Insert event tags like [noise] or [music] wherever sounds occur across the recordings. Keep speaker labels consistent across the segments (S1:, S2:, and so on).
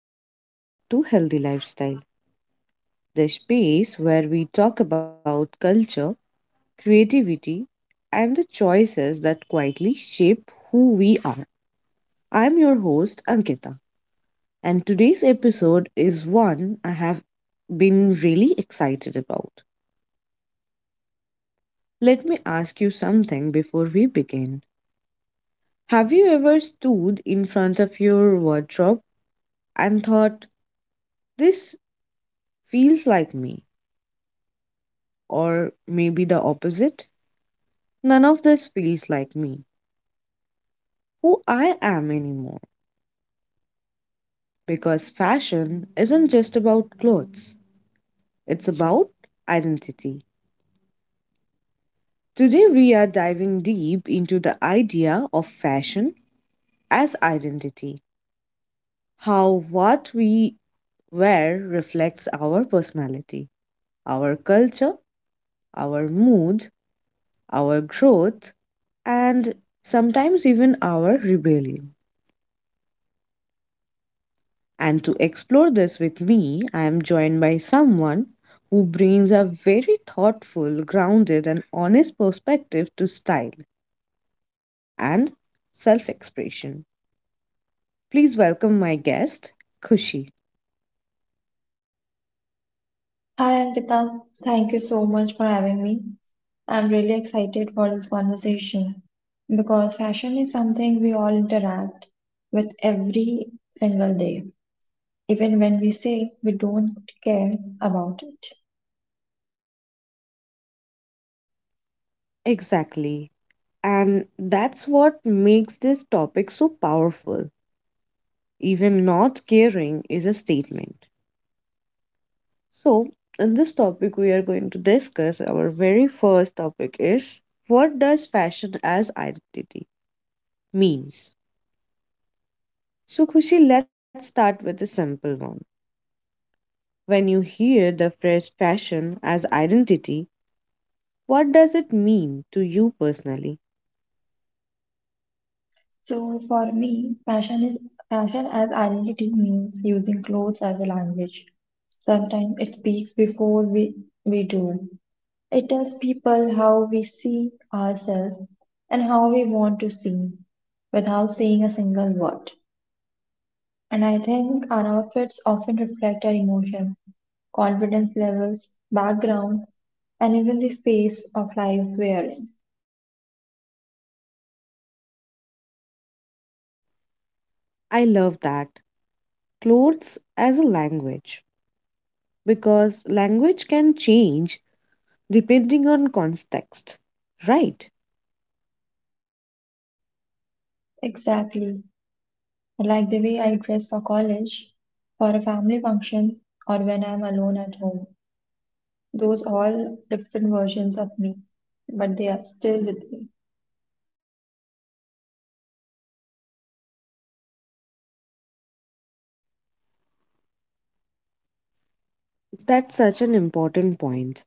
S1: and welcome back to Healthy Lifestyle, the space where we talk about culture, creativity, and the choices that quietly shape who we are. I'm your host, Ankita, and today's episode is one I have been really excited about. Let me ask you something before we begin. Have you ever stood in front of your wardrobe and thought, this feels like me, or maybe the opposite? None of this feels like me, who I am anymore. Because fashion isn't just about clothes, it's about identity. Today, we are diving deep into the idea of fashion as identity, how what we wear reflects our personality, our culture, our mood, our growth, and sometimes even our rebellion. And to explore this with me, I am joined by someone who brings a very thoughtful, grounded, and honest perspective to style and self expression. Please welcome my guest, Kushi.
S2: Hi Ankita, thank you so much for having me. I'm really excited for this conversation because fashion is something we all interact with every single day, even when we say we don't care about it.
S1: Exactly. And that's what makes this topic so powerful. Even not caring is a statement. So, in this topic, we are going to discuss our very first topic is what does fashion as identity means? So, Khushi, let's start with a simple one. When you hear the phrase fashion as identity, what does it mean to you personally?
S2: So for me, fashion is fashion as identity means using clothes as a language. Sometimes it speaks before we do. It tells people how we see ourselves and how we want to seem without saying a single word. And I think our outfits often reflect our emotion, confidence levels, background, and even the phase of life we are in.
S1: I love that. Clothes as a language, because language can change depending on context. Right.
S2: Exactly. Like the way I dress for college, for a family function, or when I'm alone at home. Those all different versions of me, but they are still with me.
S1: That's such an important point.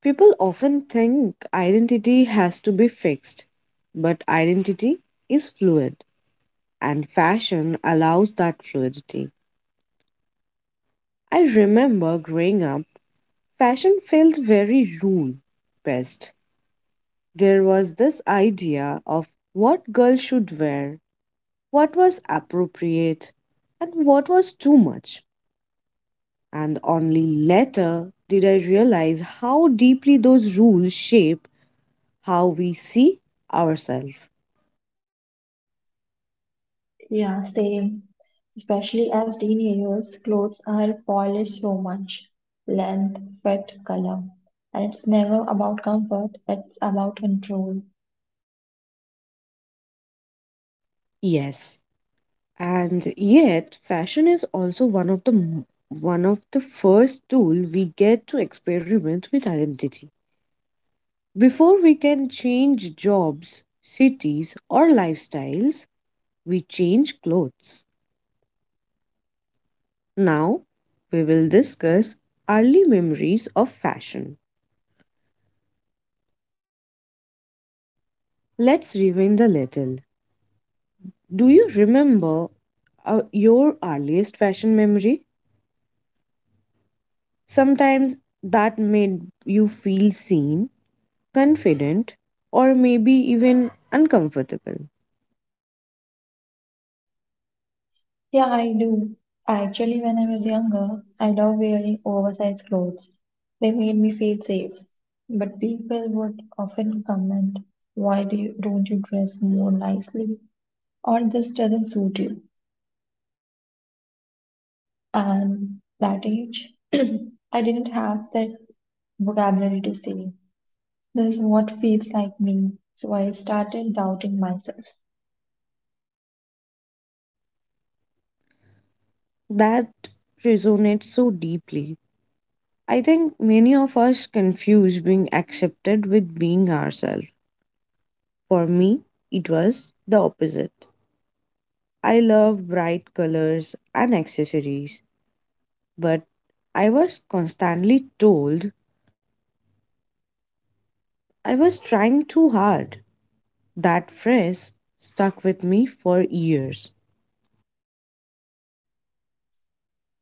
S1: People often think identity has to be fixed, but identity is fluid, and fashion allows that fluidity. I remember growing up, fashion felt very rule based. There was this idea of what girls should wear, what was appropriate, and what was too much. And only later did I realize how deeply those rules shape how we see ourselves.
S2: Yeah, same. Especially as teenagers, clothes are polished so much. Length, fit, color. And it's never about comfort, it's about control.
S1: Yes, and yet fashion is also one of the first tool we get to experiment with identity. Before we can change jobs, cities, or lifestyles, we change clothes. Now, we will discuss early memories of fashion. Let's rewind a little. Do you remember your earliest fashion memory? Sometimes that made you feel seen, confident, or maybe even uncomfortable.
S2: Yeah, I do. Actually, when I was younger, I loved wearing oversized clothes. They made me feel safe. But people would often comment, don't you dress more nicely? Or this doesn't suit you. And that age, [clears throat] I didn't have that vocabulary to say, this is what feels like me. So I started doubting myself.
S1: That resonates so deeply. I think many of us confuse being accepted with being ourselves. For me, it was the opposite. I love bright colors and accessories, but I was constantly told I was trying too hard. That phrase stuck with me for years.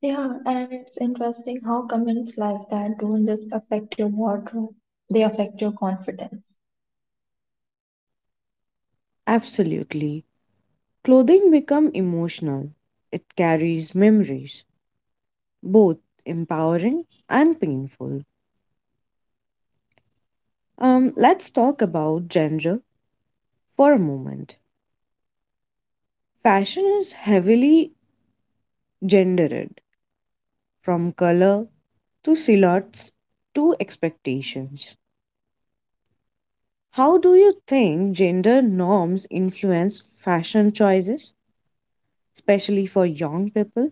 S2: Yeah, and it's interesting how comments like that don't just affect your wardrobe, they affect your confidence.
S1: Absolutely. Clothing become emotional. It carries memories, both empowering and painful. Let's talk about gender for a moment. Fashion is heavily gendered, from color to silhouettes to expectations. How do you think gender norms influence fashion choices, especially for young people?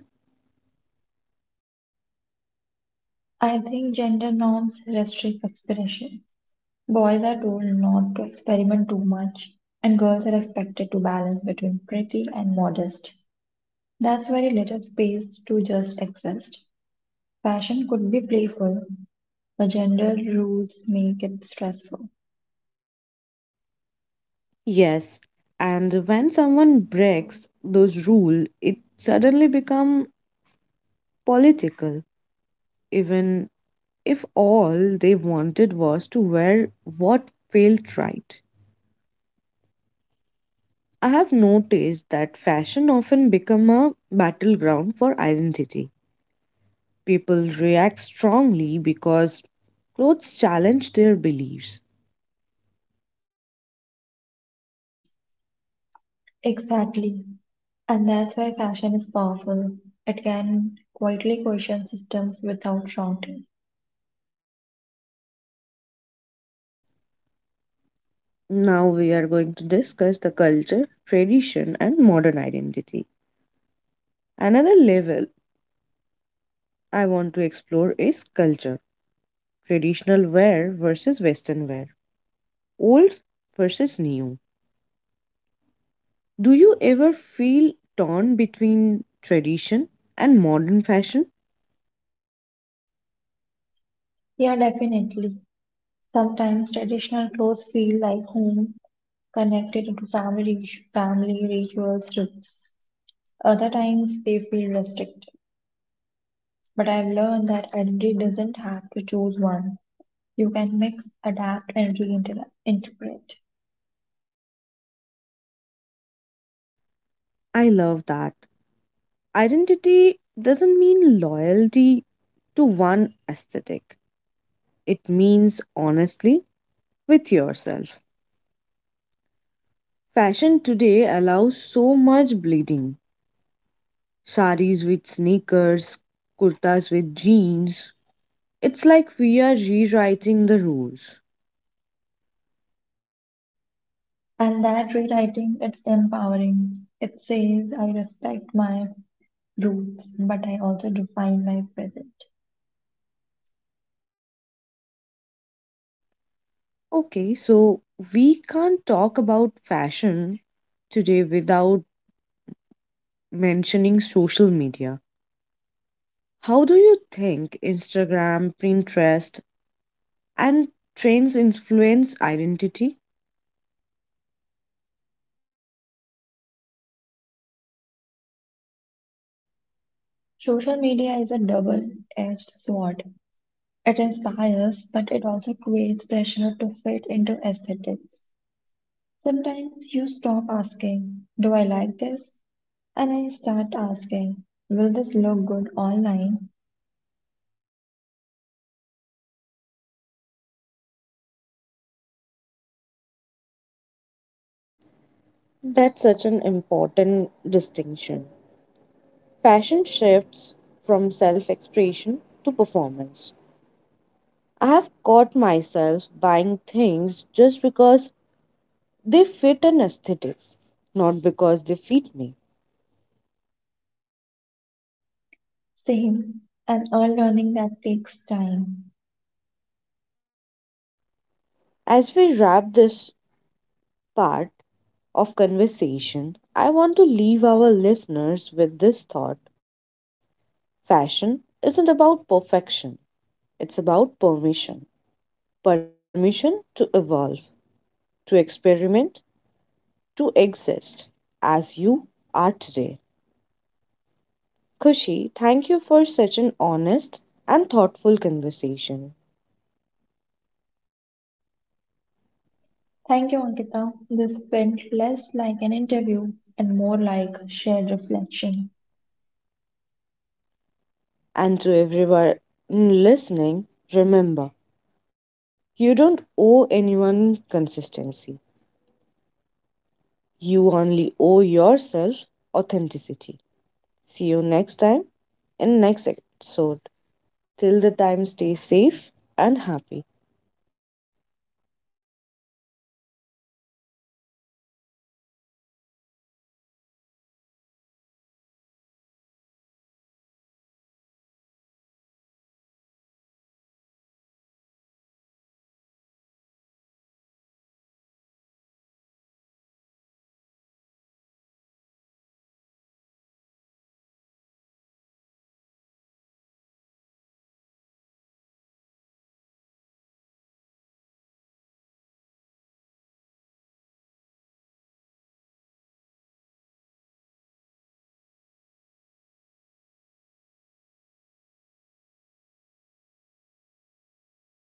S2: I think gender norms restrict expression. Boys are told not to experiment too much, and girls are expected to balance between pretty and modest. That's very little space to just exist. Passion could be playful, but gender rules make it stressful.
S1: Yes, and when someone breaks those rules, it suddenly becomes political, even if all they wanted was to wear what felt right. I have noticed that fashion often become a battleground for identity. People react strongly because clothes challenge their beliefs.
S2: Exactly. And that's why passion is powerful. It can quietly question systems without shouting.
S1: Now we are going to discuss the culture, tradition and modern identity. Another level I want to explore is culture, traditional wear versus western wear, old versus new. Do you ever feel torn between tradition and modern fashion?
S2: Yeah, definitely. Sometimes traditional clothes feel like home, connected to family, family rituals, roots. Other times they feel restricted. But I've learned that identity doesn't have to choose one. You can mix, adapt, and reinterpret.
S1: I love that. Identity doesn't mean loyalty to one aesthetic, it means honestly with yourself. Fashion today allows so much bleeding saris with sneakers, kurtas with jeans. It's like we are rewriting the rules.
S2: And that rewriting, it's empowering. It says, I respect my roots, but I also define my present.
S1: Okay, so we can't talk about fashion today without mentioning social media. How do you think Instagram, Pinterest, and trends influence identity?
S2: Social media is a double edged sword. It inspires, but it also creates pressure to fit into aesthetics. Sometimes you stop asking, do I like this? And I start asking, will this look good online?
S1: That's such an important distinction. Fashion shifts from self expression to performance. I have caught myself buying things just because they fit an aesthetic, not because they fit me.
S2: Same, and unlearning that takes time.
S1: As we wrap this part of conversation, I want to leave our listeners with this thought fashion isn't about perfection, it's about permission. Permission to evolve, to experiment, to exist as you are today. Kushi, thank you for such an honest and thoughtful conversation.
S2: Thank you, Ankita. This felt less like an interview and more like shared reflection.
S1: And to everyone listening, remember you don't owe anyone consistency, you only owe yourself authenticity. See you next time in next episode. Till the time, stay safe and happy.